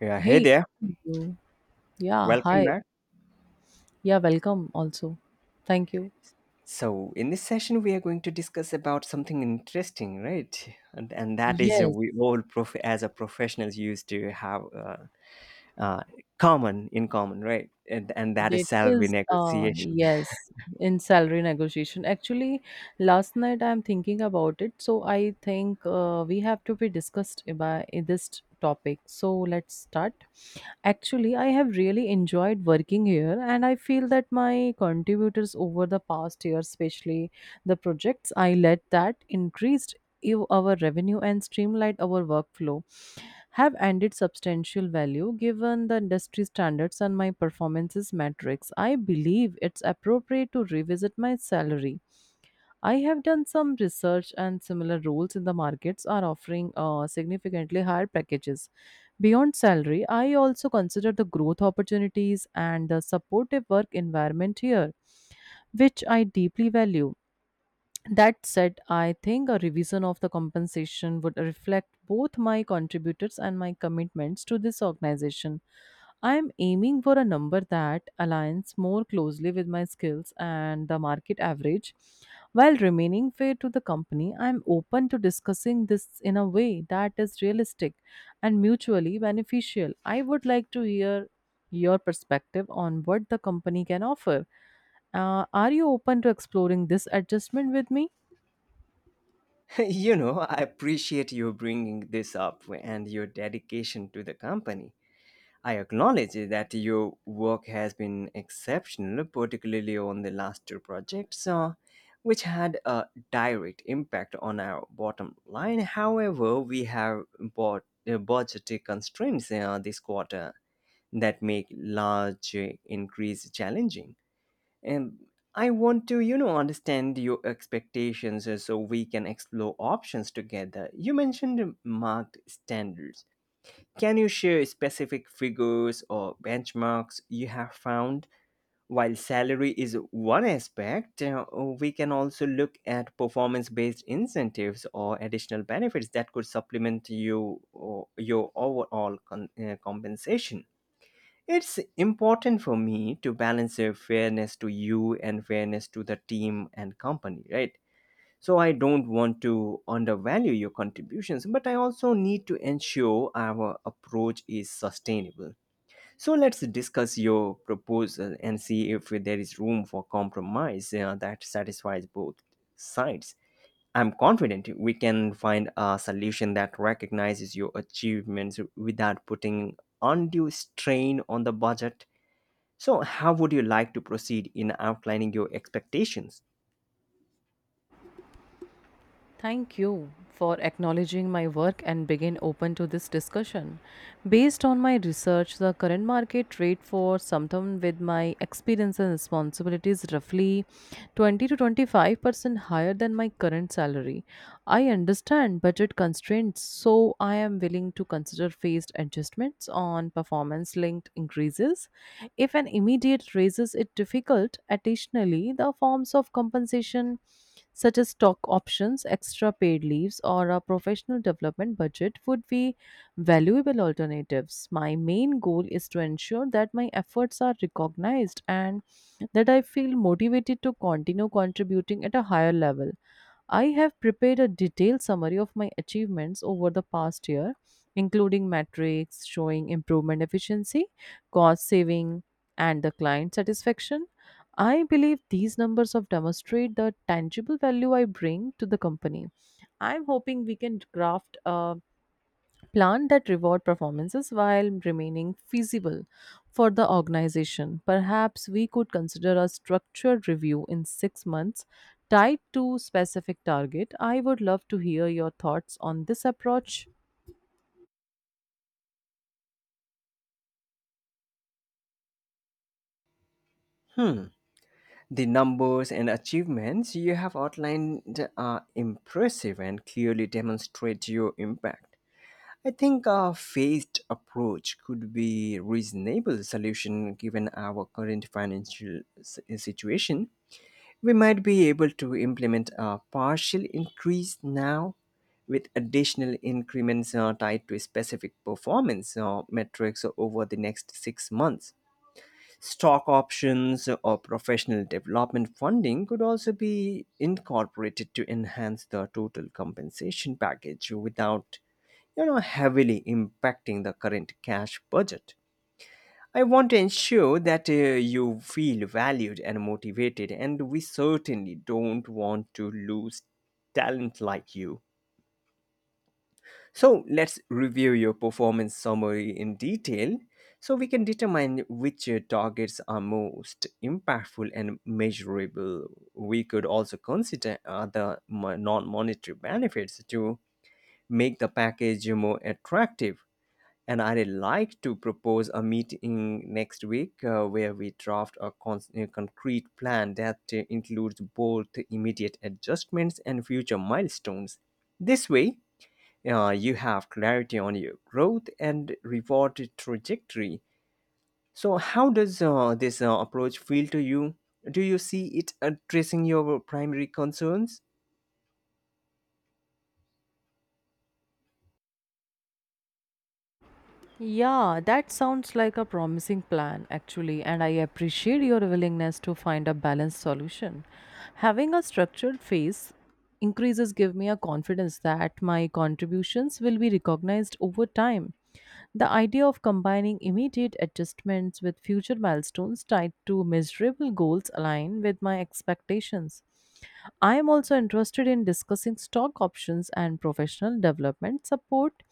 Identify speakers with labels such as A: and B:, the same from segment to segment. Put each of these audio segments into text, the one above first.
A: Yeah, hey
B: Hey,
A: there.
B: you. Yeah,
A: Welcome
B: hi.
A: back.
B: Yeah, welcome also. Thank you.
A: So, in this session, we are going to discuss about something interesting, right? And that is
B: Yes,
A: we all, as a professionals, used to have uh, common in common, right? And that is
B: that
A: salary
B: is uh
A: negotiation.
B: yes, in salary negotiation. Actually, last night I'm thinking about it, so I think we have to be discussed about this topic. So let's start. Actually, I have really enjoyed working here, and I feel that my contributors over the past year, especially the projects I led that increased our revenue and streamlined our workflow have added substantial value given the industry standards and my performances metrics. I believe it's appropriate to revisit my salary. I have done some research and similar roles in the markets are offering significantly higher packages. Beyond salary, I also consider the growth opportunities and the supportive work environment here, which I deeply value. That said, I think a revision of the compensation would reflect both my contributors and my commitments to this organization. I am aiming for a number that aligns more closely with my skills and the market average. While remaining fair to the company, I am open to discussing this in a way that is realistic and mutually beneficial. I would like to hear your perspective on what the company can offer. Are you open to exploring this adjustment with me?
A: You know, I appreciate you bringing this up and your dedication to the company. I acknowledge that your work has been exceptional, particularly on the last two projects, which had a direct impact on our bottom line. However, we have bought, budgetary constraints this quarter that make large increase challenging. And I want to, you know, understand your expectations so we can explore options together. You mentioned marked standards, can you share specific figures or benchmarks you have found? While salary is one aspect, we can also look at performance based incentives or additional benefits that could supplement you or your overall compensation. It's important for me to balance fairness to you and fairness to the team and company, right? So I don't want to undervalue your contributions, but I also need to ensure our approach is sustainable. So let's discuss your proposal and see if there is room for compromise that satisfies both sides. I'm confident we can find a solution that recognizes your achievements without putting undue strain on the budget. So, how would you like to proceed in outlining your expectations?
B: Thank you for acknowledging my work and being open to this discussion. Based on my research, the current market rate for something with my experience and responsibility is roughly 20 to 25% higher than my current salary. I understand budget constraints, so I am willing to consider phased adjustments on performance linked increases. If an immediate raise is difficult, additionally, the forms of compensation such as stock options, extra paid leaves, or a professional development budget would be valuable alternatives. My main goal is to ensure that my efforts are recognized and that I feel motivated to continue contributing at a higher level. I have prepared a detailed summary of my achievements over the past year, including metrics showing improvement efficiency, cost saving, and the client satisfaction. I believe these numbers of demonstrate the tangible value I bring to the company. I'm hoping we can craft a plan that reward performances while remaining feasible for the organization. Perhaps we could consider a structured review in 6 months tied to specific target. I would love to hear your thoughts on this approach.
A: The numbers and achievements you have outlined are impressive and clearly demonstrate your impact. I think a phased approach could be a reasonable solution given our current situation. We might be able to implement a partial increase now with additional increments tied to specific performance metrics over the next 6 months. Stock options or professional development funding could also be incorporated to enhance the total compensation package without, you know, heavily impacting the current cash budget. I want to ensure that you feel valued and motivated, and we certainly don't want to lose talent like you. So let's review your performance summary in detail so we can determine which targets are most impactful and measurable. We could also consider other non monetary benefits to make the package more attractive. And I'd like to propose a meeting next week where we draft a concrete plan that includes both immediate adjustments and future milestones. This way, you have clarity on your growth and reward trajectory. So, how does this approach feel to you? Do you see it addressing your primary concerns?
B: Yeah, that sounds like a promising plan, actually, and I appreciate your willingness to find a balanced solution. Having a structured phase increases give me a confidence that my contributions will be recognized over time. The idea of combining immediate adjustments with future milestones tied to measurable goals align with my expectations. I am also interested in discussing stock options and professional development support,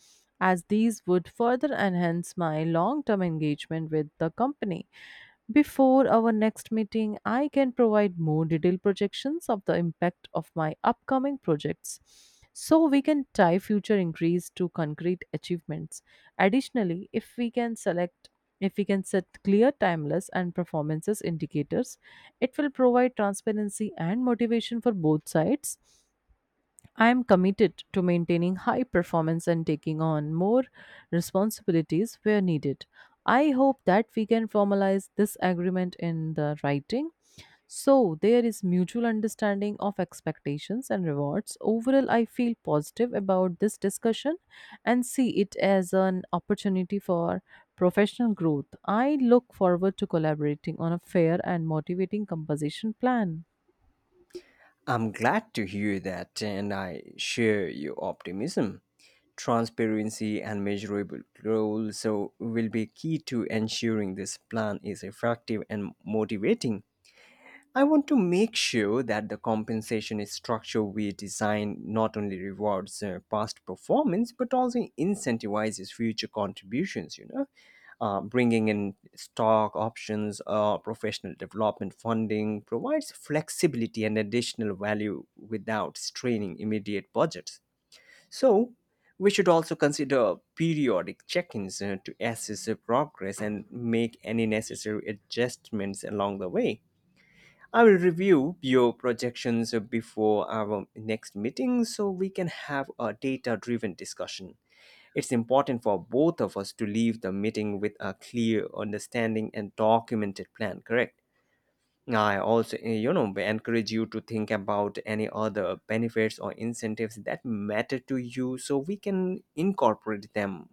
B: as these would further enhance my long term engagement with the company. Before our next meeting, I can provide more detailed projections of the impact of my upcoming projects so we can tie future increase to concrete achievements. Additionally, if we can set clear timeless and performances indicators, it will provide transparency and motivation for both sides. I am committed to maintaining high performance and taking on more responsibilities where needed. I hope that we can formalize this agreement in the writing so there is mutual understanding of expectations and rewards. Overall, I feel positive about this discussion and see it as an opportunity for professional growth. I look forward to collaborating on a fair and motivating composition plan.
A: I'm glad to hear that, and I share your optimism. Transparency and measurable goals so will be key to ensuring this plan is effective and motivating. I want to make sure that the compensation structure we design not only rewards past performance but also incentivizes future contributions. You know, bringing in stock options or professional development funding provides flexibility and additional value without straining immediate budgets. So, we should also consider periodic check-ins to assess the progress and make any necessary adjustments along the way. I will review your projections before our next meeting so we can have a data driven discussion. It's important for both of us to leave the meeting with a clear understanding and documented plan, correct? I also, you know, encourage you to think about any other benefits or incentives that matter to you so we can incorporate them.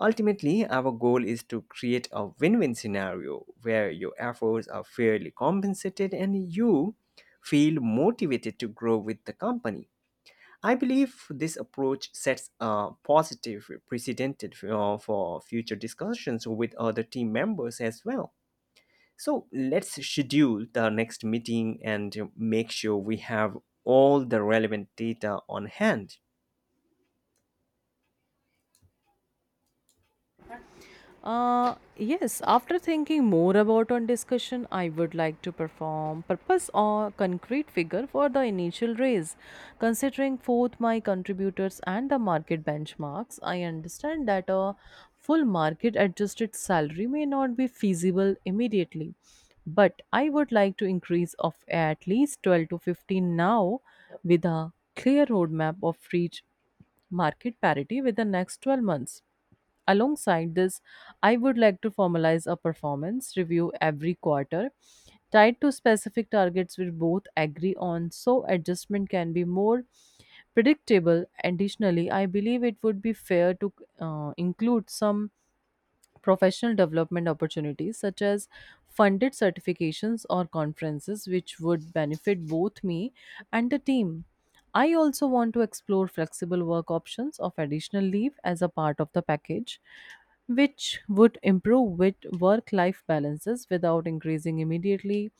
A: Ultimately, our goal is to create a win win scenario where your efforts are fairly compensated and you feel motivated to grow with the company. I believe this approach sets a positive precedent for future discussions with other team members as well. So let's schedule the next meeting and make sure we have all the relevant data on hand.
B: Yes, after thinking more about on discussion, I would like to perform purpose or concrete figure for the initial raise. Considering both my contributors and the market benchmarks, I understand that a full market adjusted salary may not be feasible immediately, but I would like to increase of at least 12 to 15 now with a clear roadmap of reach market parity with the next 12 months. Alongside this, I would like to formalize a performance review every quarter tied to specific targets we both agree on so adjustment can be more predictable. Additionally, I believe it would be fair to include some professional development opportunities such as funded certifications or conferences which would benefit both me and the team. I also want to explore flexible work options of additional leave as a part of the package which would improve with work life balances without increasing immediately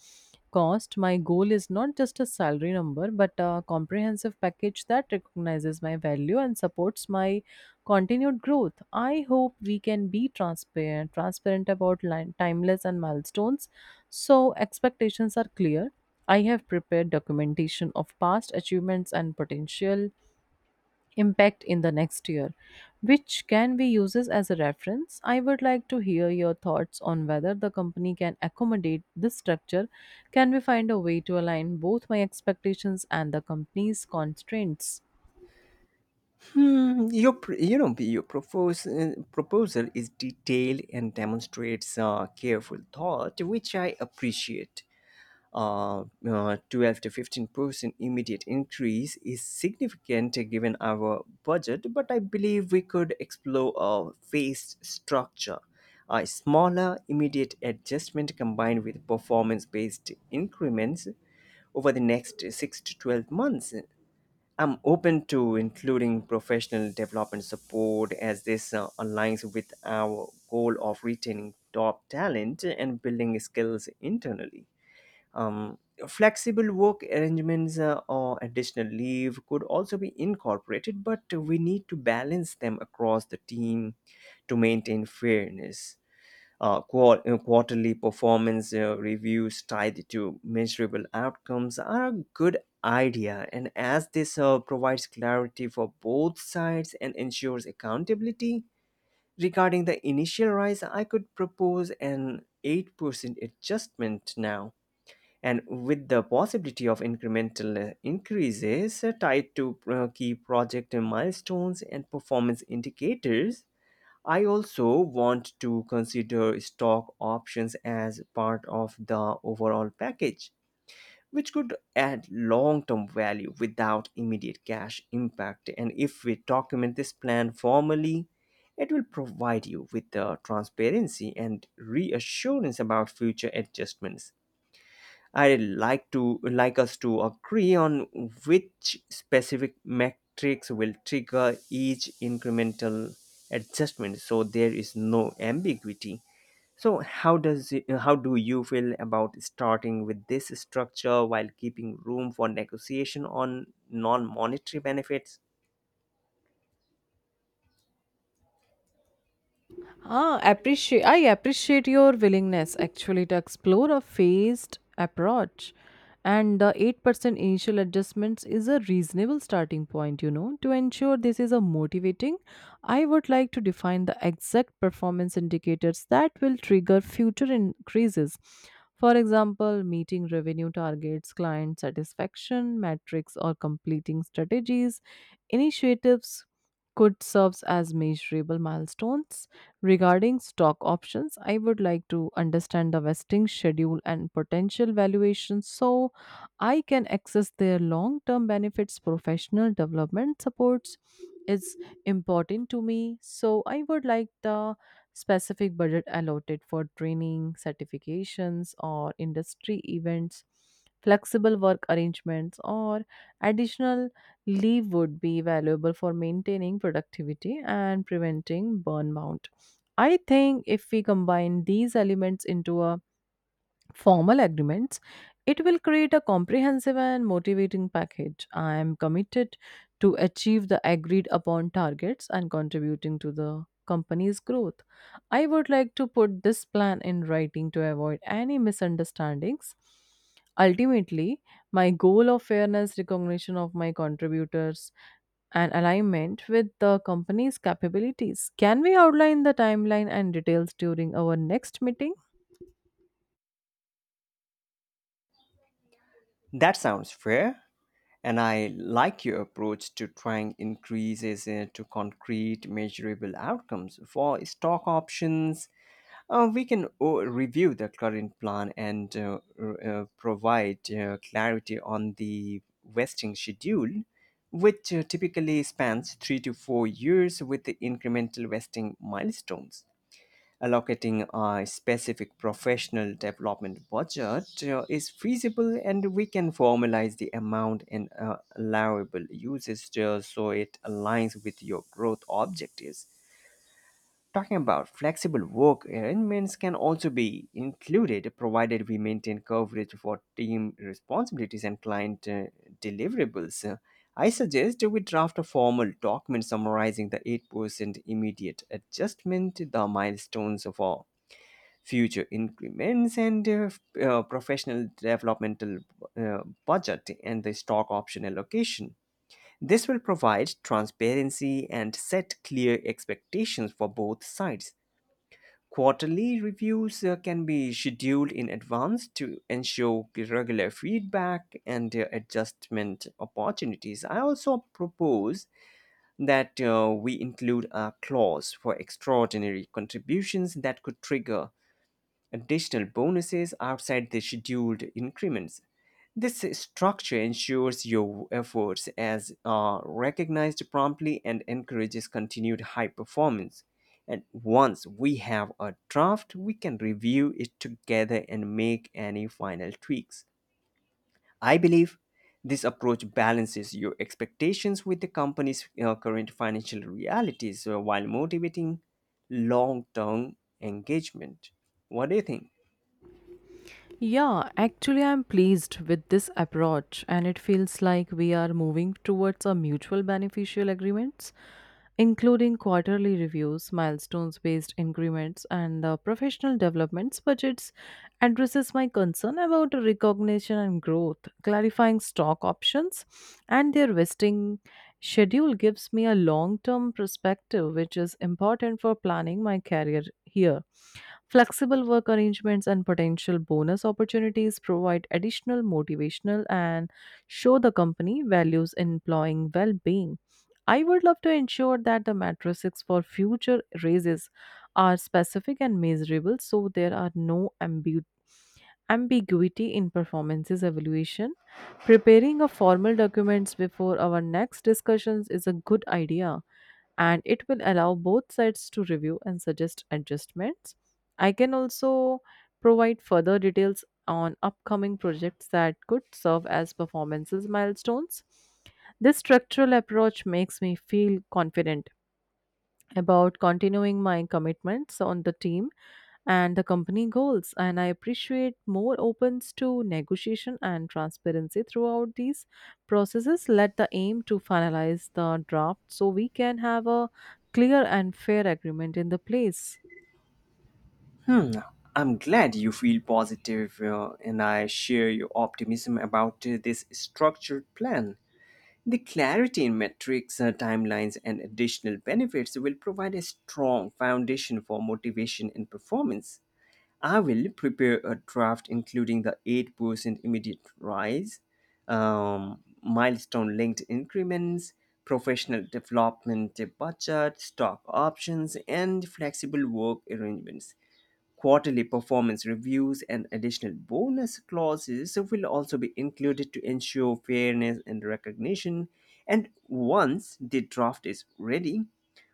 B: cost. My goal is not just a salary number but a comprehensive package that recognizes my value and supports my continued growth. I hope we can be transparent about line, timeless and milestones so expectations are clear. I have prepared documentation of past achievements and potential impact in the next year, which can be used as a reference. I would like to hear your thoughts on whether the company can accommodate this structure. Can we find a way to align both my expectations and the company's constraints?
A: Your pr- you know your propose, proposal is detailed and demonstrates careful thought, which I appreciate. 12 to 15% immediate increase is significant given our budget, but I believe we could explore a phased structure. A smaller immediate adjustment combined with performance based increments over the next 6 to 12 months. I'm open to including professional development support as this aligns with our goal of retaining top talent and building skills internally. Um, Flexible work arrangements or additional leave could also be incorporated, but we need to balance them across the team to maintain fairness. Quarterly performance reviews tied to measurable outcomes are a good idea, and as this provides clarity for both sides and ensures accountability regarding the initial rise, I could propose an 8% adjustment now. And with the possibility of incremental increases tied to key project milestones and performance indicators, I also want to consider stock options as part of the overall package, which could add long term value without immediate cash impact. And if we document this plan formally, it will provide you with the transparency and reassurance about future adjustments. I'd like us to agree on which specific metrics will trigger each incremental adjustment so there is no ambiguity. So how do you feel about starting with this structure while keeping room for negotiation on non-monetary benefits?
B: Ah, appreciate. I appreciate your willingness actually to explore a phased approach, and the 8% initial adjustments is a reasonable starting point. You know, to ensure this is a motivating, I would like to define the exact performance indicators that will trigger future increases. For example, meeting revenue targets, client satisfaction metrics, or completing strategies, initiatives could serves as measurable milestones. Regarding stock options, I would like to understand the vesting schedule and potential valuations so I can access their long term benefits. Professional development supports is important to me, so I would like the specific budget allotted for training certifications or industry events. Flexible work arrangements or additional leave would be valuable for maintaining productivity and preventing burnout. I think if we combine these elements into a formal agreements, it will create a comprehensive and motivating package. I am committed to achieve the agreed upon targets and contributing to the company's growth. I would like to put this plan in writing to avoid any misunderstandings. Ultimately, my goal of fairness recognition of my contributors and alignment with the company's capabilities. Can we outline the timeline and details during our next meeting?
A: That sounds fair, and I like your approach to trying increases to concrete measurable outcomes for stock options. We can review the current plan and provide clarity on the vesting schedule, which typically spans 3 to 4 years with the incremental vesting milestones. Allocating a specific professional development budget is feasible, and we can formalize the amount and allowable uses so it aligns with your growth objectives. Talking about flexible work arrangements can also be included provided we maintain coverage for team responsibilities and client deliverables. I suggest we draft a formal document summarizing the 8% immediate adjustment, the milestones for future increments, and professional developmental uh, budget and the stock option allocation. This will provide transparency and set clear expectations for both sides. Quarterly reviews can be scheduled in advance to ensure regular feedback and adjustment opportunities. I also propose that we include a clause for extraordinary contributions that could trigger additional bonuses outside the scheduled increments. This structure ensures your efforts as are recognized promptly and encourages continued high performance. And once we have a draft, we can review it together and make any final tweaks. I believe this approach balances your expectations with the company's current financial realities while motivating long term engagement. What do you think?
B: Yeah, actually, I'm pleased with this approach, and it feels like we are moving towards a mutual beneficial agreements, including quarterly reviews, milestones based increments, and the professional developments budgets addresses my concern about recognition and growth, clarifying stock options and their vesting schedule gives me a long term perspective, which is important for planning my career here. Flexible work arrangements and potential bonus opportunities provide additional motivational and show the company values employing well being. I would love to ensure that the matrices for future raises are specific and measurable so there are no ambiguities ambiguity in performances evaluation. Preparing a formal documents before our next discussions is a good idea and it will allow both sides to review and suggest adjustments. I can also provide further details on upcoming projects that could serve as performances milestones. This structural approach makes me feel confident about continuing my commitments on the team and the company goals, and I appreciate more opens to negotiation and transparency throughout these processes. Let the aim to finalize the draft so we can have a clear and fair agreement in the place.
A: Hmm, I'm glad you feel positive, and I share your optimism about this structured plan. The clarity in metrics, timelines, and additional benefits will provide a strong foundation for motivation and performance. I will prepare a draft including the 8% immediate rise, milestone linked increments, professional development budget, stock options, and flexible work arrangements. Quarterly performance reviews and additional bonus clauses will also be included to ensure fairness and recognition. And once the draft is ready,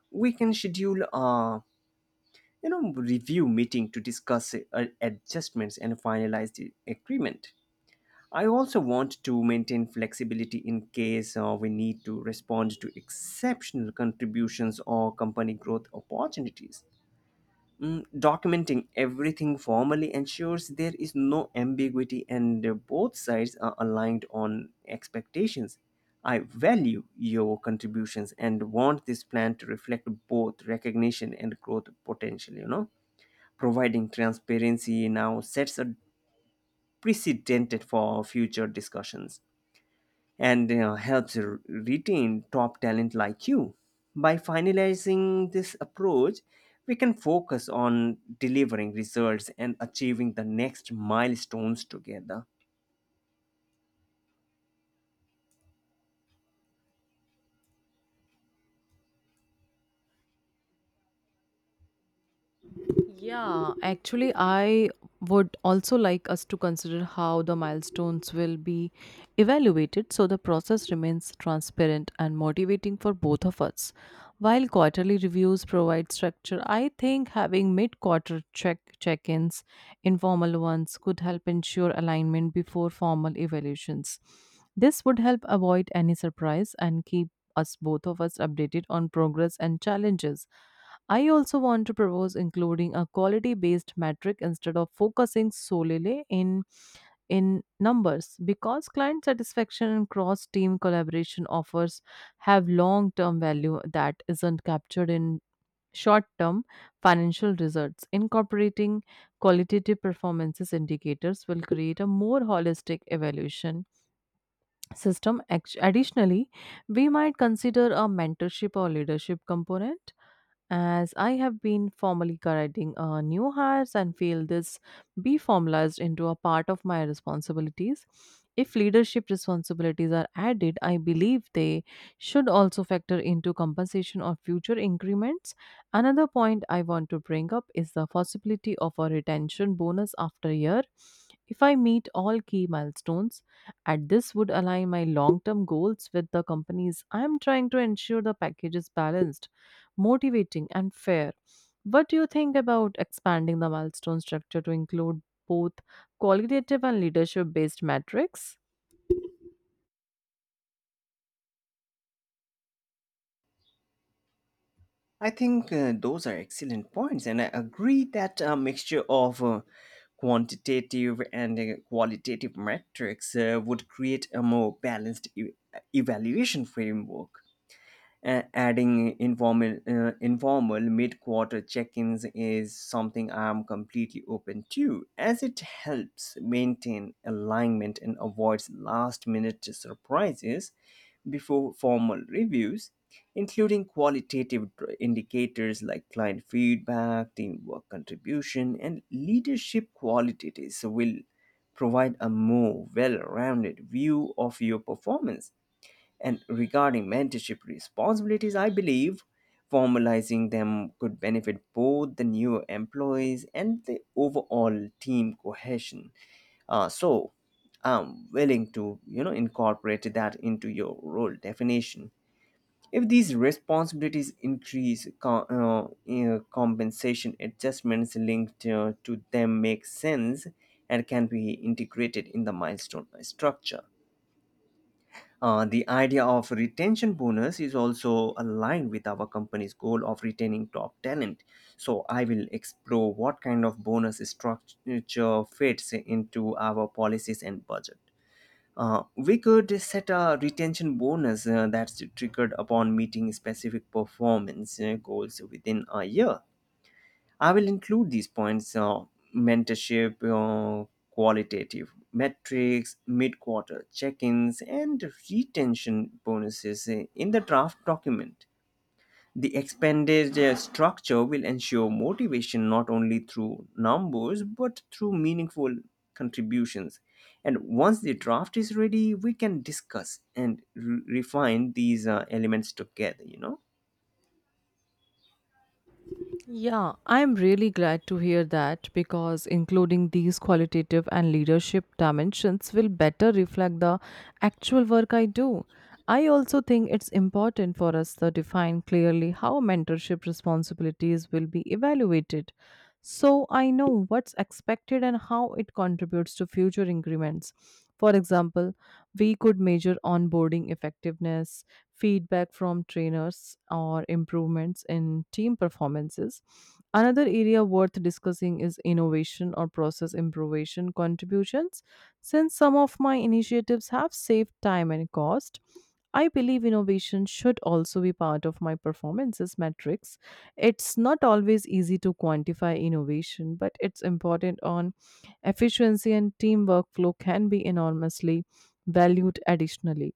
A: we can schedule a, you know, review meeting to discuss adjustments and finalize the agreement. I also want to maintain flexibility in case we need to respond to exceptional contributions or company growth opportunities. Documenting everything formally ensures there is no ambiguity and both sides are aligned on expectations. I value your contributions and want this plan to reflect both recognition and growth potential. Providing transparency now sets a precedent for future discussions and helps retain top talent like you. By finalizing this approach, we can focus on delivering results and achieving the next milestones together.
B: Yeah, actually, I would also like us to consider how the milestones will be evaluated so the process remains transparent and motivating for both of us. While quarterly reviews provide structure, I think having mid-quarter check-ins, informal ones, could help ensure alignment before formal evaluations. This would help avoid any surprise and keep us both of us updated on progress and challenges. I also want to propose including a quality based metric instead of focusing solely in numbers because client satisfaction and cross team collaboration offers have long term value that isn't captured in short term financial results. Incorporating qualitative performances indicators will create a more holistic evaluation system. Act- additionally, we might consider a mentorship or leadership component as I have been formally guiding new hires and feel this be formalized into a part of my responsibilities. If leadership responsibilities are added, I believe they should also factor into compensation or future increments. Another point I want to bring up is the possibility of a retention bonus after a year. If I meet all key milestones, and this would align my long term goals with the companies, I am trying to ensure the package is balanced motivating, and fair. What do you think about expanding the milestone structure to include both qualitative and leadership based metrics?
A: I think those are excellent points, and I agree that a mixture of quantitative and qualitative metrics would create a more balanced evaluation framework. Adding informal mid-quarter check-ins is something I'm completely open to, as it helps maintain alignment and avoids last-minute surprises before formal reviews, including qualitative indicators like client feedback, teamwork contribution, and leadership qualities will provide a more well-rounded view of your performance. And regarding mentorship responsibilities, I believe formalizing them could benefit both the new employees and the overall team cohesion. So I'm willing to, you know, incorporate that into your role definition. If these responsibilities increase, compensation adjustments linked to them make sense and can be integrated in the milestone structure. The idea of retention bonus is also aligned with our company's goal of retaining top talent. So I will explore what kind of bonus structure fits into our policies and budget. We could set a retention bonus that's triggered upon meeting specific performance goals within a year. I will include these points, mentorship, qualitative metrics, mid quarter check ins, and retention bonuses in the draft document. The expanded structure will ensure motivation not only through numbers but through meaningful contributions. And once the draft is ready, we can discuss and refine these elements together, you know.
B: Yeah, I'm really glad to hear that because including these qualitative and leadership dimensions will better reflect the actual work I do. I also think it's important for us to define clearly how mentorship responsibilities will be evaluated so I know what's expected and how it contributes to future increments. For example, we could measure onboarding effectiveness feedback from trainers, or improvements in team performances. Another area worth discussing is innovation or process improvement contributions. Since some of my initiatives have saved time and cost, I believe innovation should also be part of my performances metrics. It's not always easy to quantify innovation, but it's important on efficiency and team workflow can be enormously valued additionally.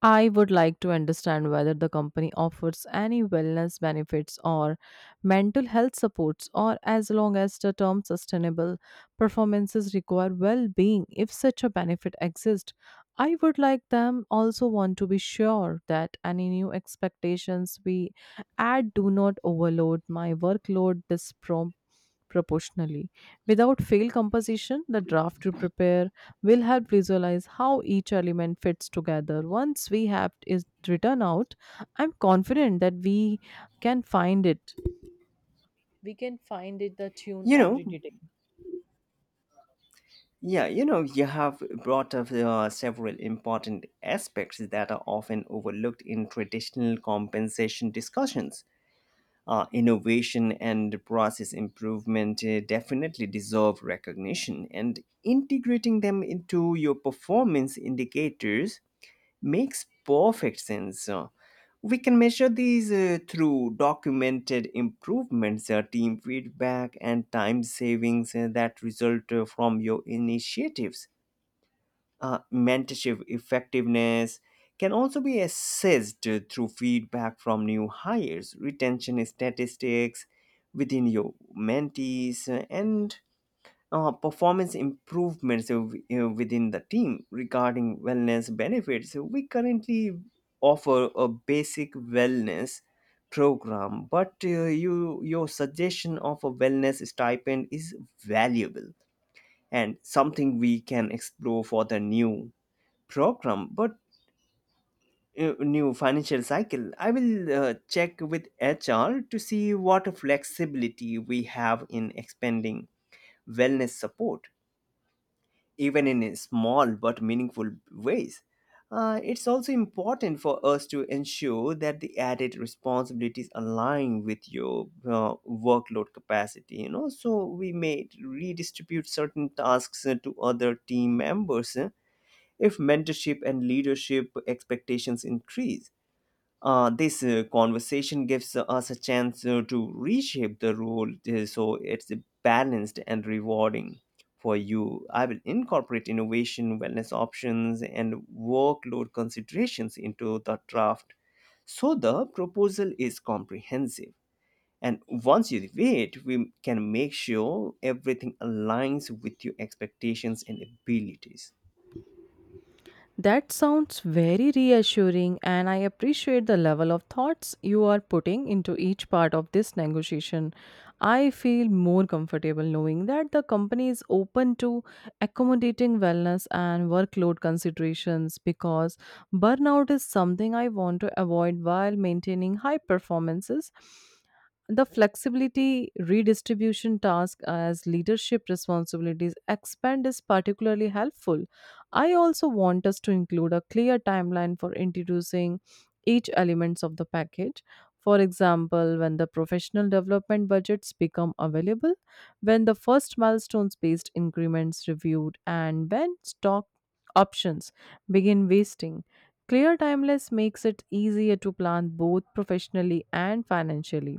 B: I would like to understand whether the company offers any wellness benefits or mental health supports, or as long as the term sustainable performances require well being, if such a benefit exists. I would like them also want to be sure that any new expectations we add do not overload my workload, disproportionately proportionally. Without fail composition, the draft you prepare will help visualize how each element fits together. Once we have it written out, I'm confident that can find it. We can find it the tune
A: You
B: every
A: know,
B: day.
A: You have brought up several important aspects that are often overlooked in traditional compensation discussions. Innovation and process improvement definitely deserve recognition, and integrating them into your performance indicators makes perfect sense. We can measure these through documented improvements, team feedback, and time savings that result from your initiatives. Mentorship effectiveness can also be assessed through feedback from new hires, retention statistics within your mentees, and performance improvements within the team. Regarding wellness benefits, so we currently offer a basic wellness program, but your suggestion of a wellness stipend is valuable and something we can explore for the new program. But new financial cycle, I will check with HR to see what flexibility we have in expanding wellness support, even in small but meaningful ways. It's also important for us to ensure that the added responsibilities align with your workload capacity, you know, so we may redistribute certain tasks to other team members if mentorship and leadership expectations increase. This conversation gives us a chance to reshape the role so it's balanced and rewarding for you. I will incorporate innovation, wellness options, and workload considerations into the draft so the proposal is comprehensive. And once you review it, we can make sure everything aligns with your expectations and abilities.
B: That sounds very reassuring, and I appreciate the level of thoughts you are putting into each part of this negotiation. I feel more comfortable knowing that the company is open to accommodating wellness and workload considerations because burnout is something I want to avoid while maintaining high performances. The flexibility redistribution task as leadership responsibilities expand is particularly helpful. I also want us to include a clear timeline for introducing each elements of the package. For example, when the professional development budgets become available, when the first milestones based increments reviewed, and when stock options begin wasting. Clear timeless makes it easier to plan both professionally and financially.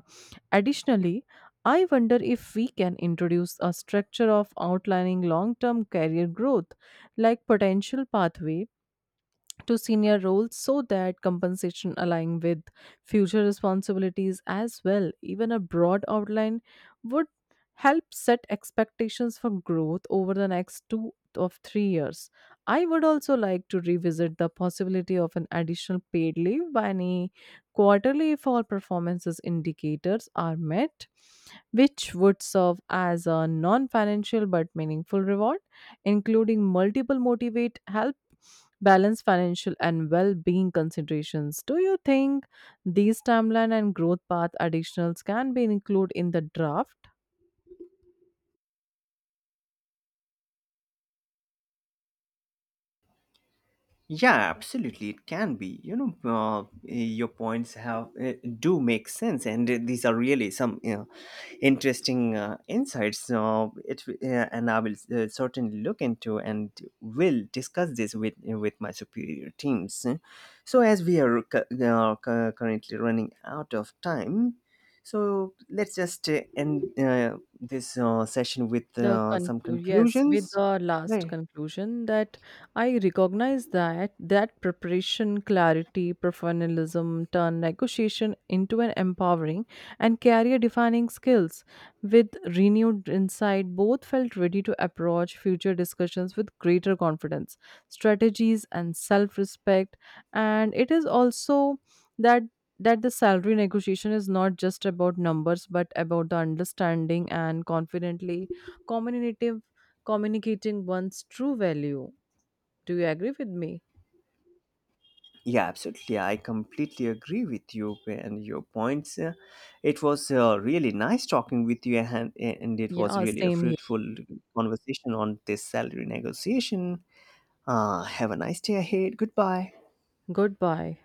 B: Additionally, I wonder if we can introduce a structure of outlining long term career growth like potential pathway to senior roles so that compensation align with future responsibilities as well. Even a broad outline would help set expectations for growth over the next 2 of 3 years. I would also like to revisit the possibility of an additional paid leave by any quarterly if all performances indicators are met, which would serve as a non financial but meaningful reward, including multiple motivate, help balance financial and well being considerations. Do you think these timeline and growth path additionals can be included in the draft?
A: Yeah, absolutely, it can be. You know, your points have, do make sense, and these are really some, you know, interesting insights. It And I will certainly look into and will discuss this with my superior teams. So as we are currently running out of time, so let's just end this session with
B: The
A: some
B: conclusion, yes, with
A: conclusions.
B: the last
A: Right.
B: conclusion that I recognize that preparation, clarity, professionalism turn negotiation into an empowering and career-defining skills. With renewed insight, both felt ready to approach future discussions with greater confidence, strategies, and self-respect. And it is also that that the salary negotiation is not just about numbers but about the understanding and confidently communicative communicating one's true value. Do you agree with me?
A: Yeah, absolutely. I completely agree with you and your points. It was really nice talking with you, and it was
B: Yeah,
A: really a
B: same here.
A: fruitful conversation on this salary negotiation. Have a nice day ahead. Goodbye.
B: Goodbye.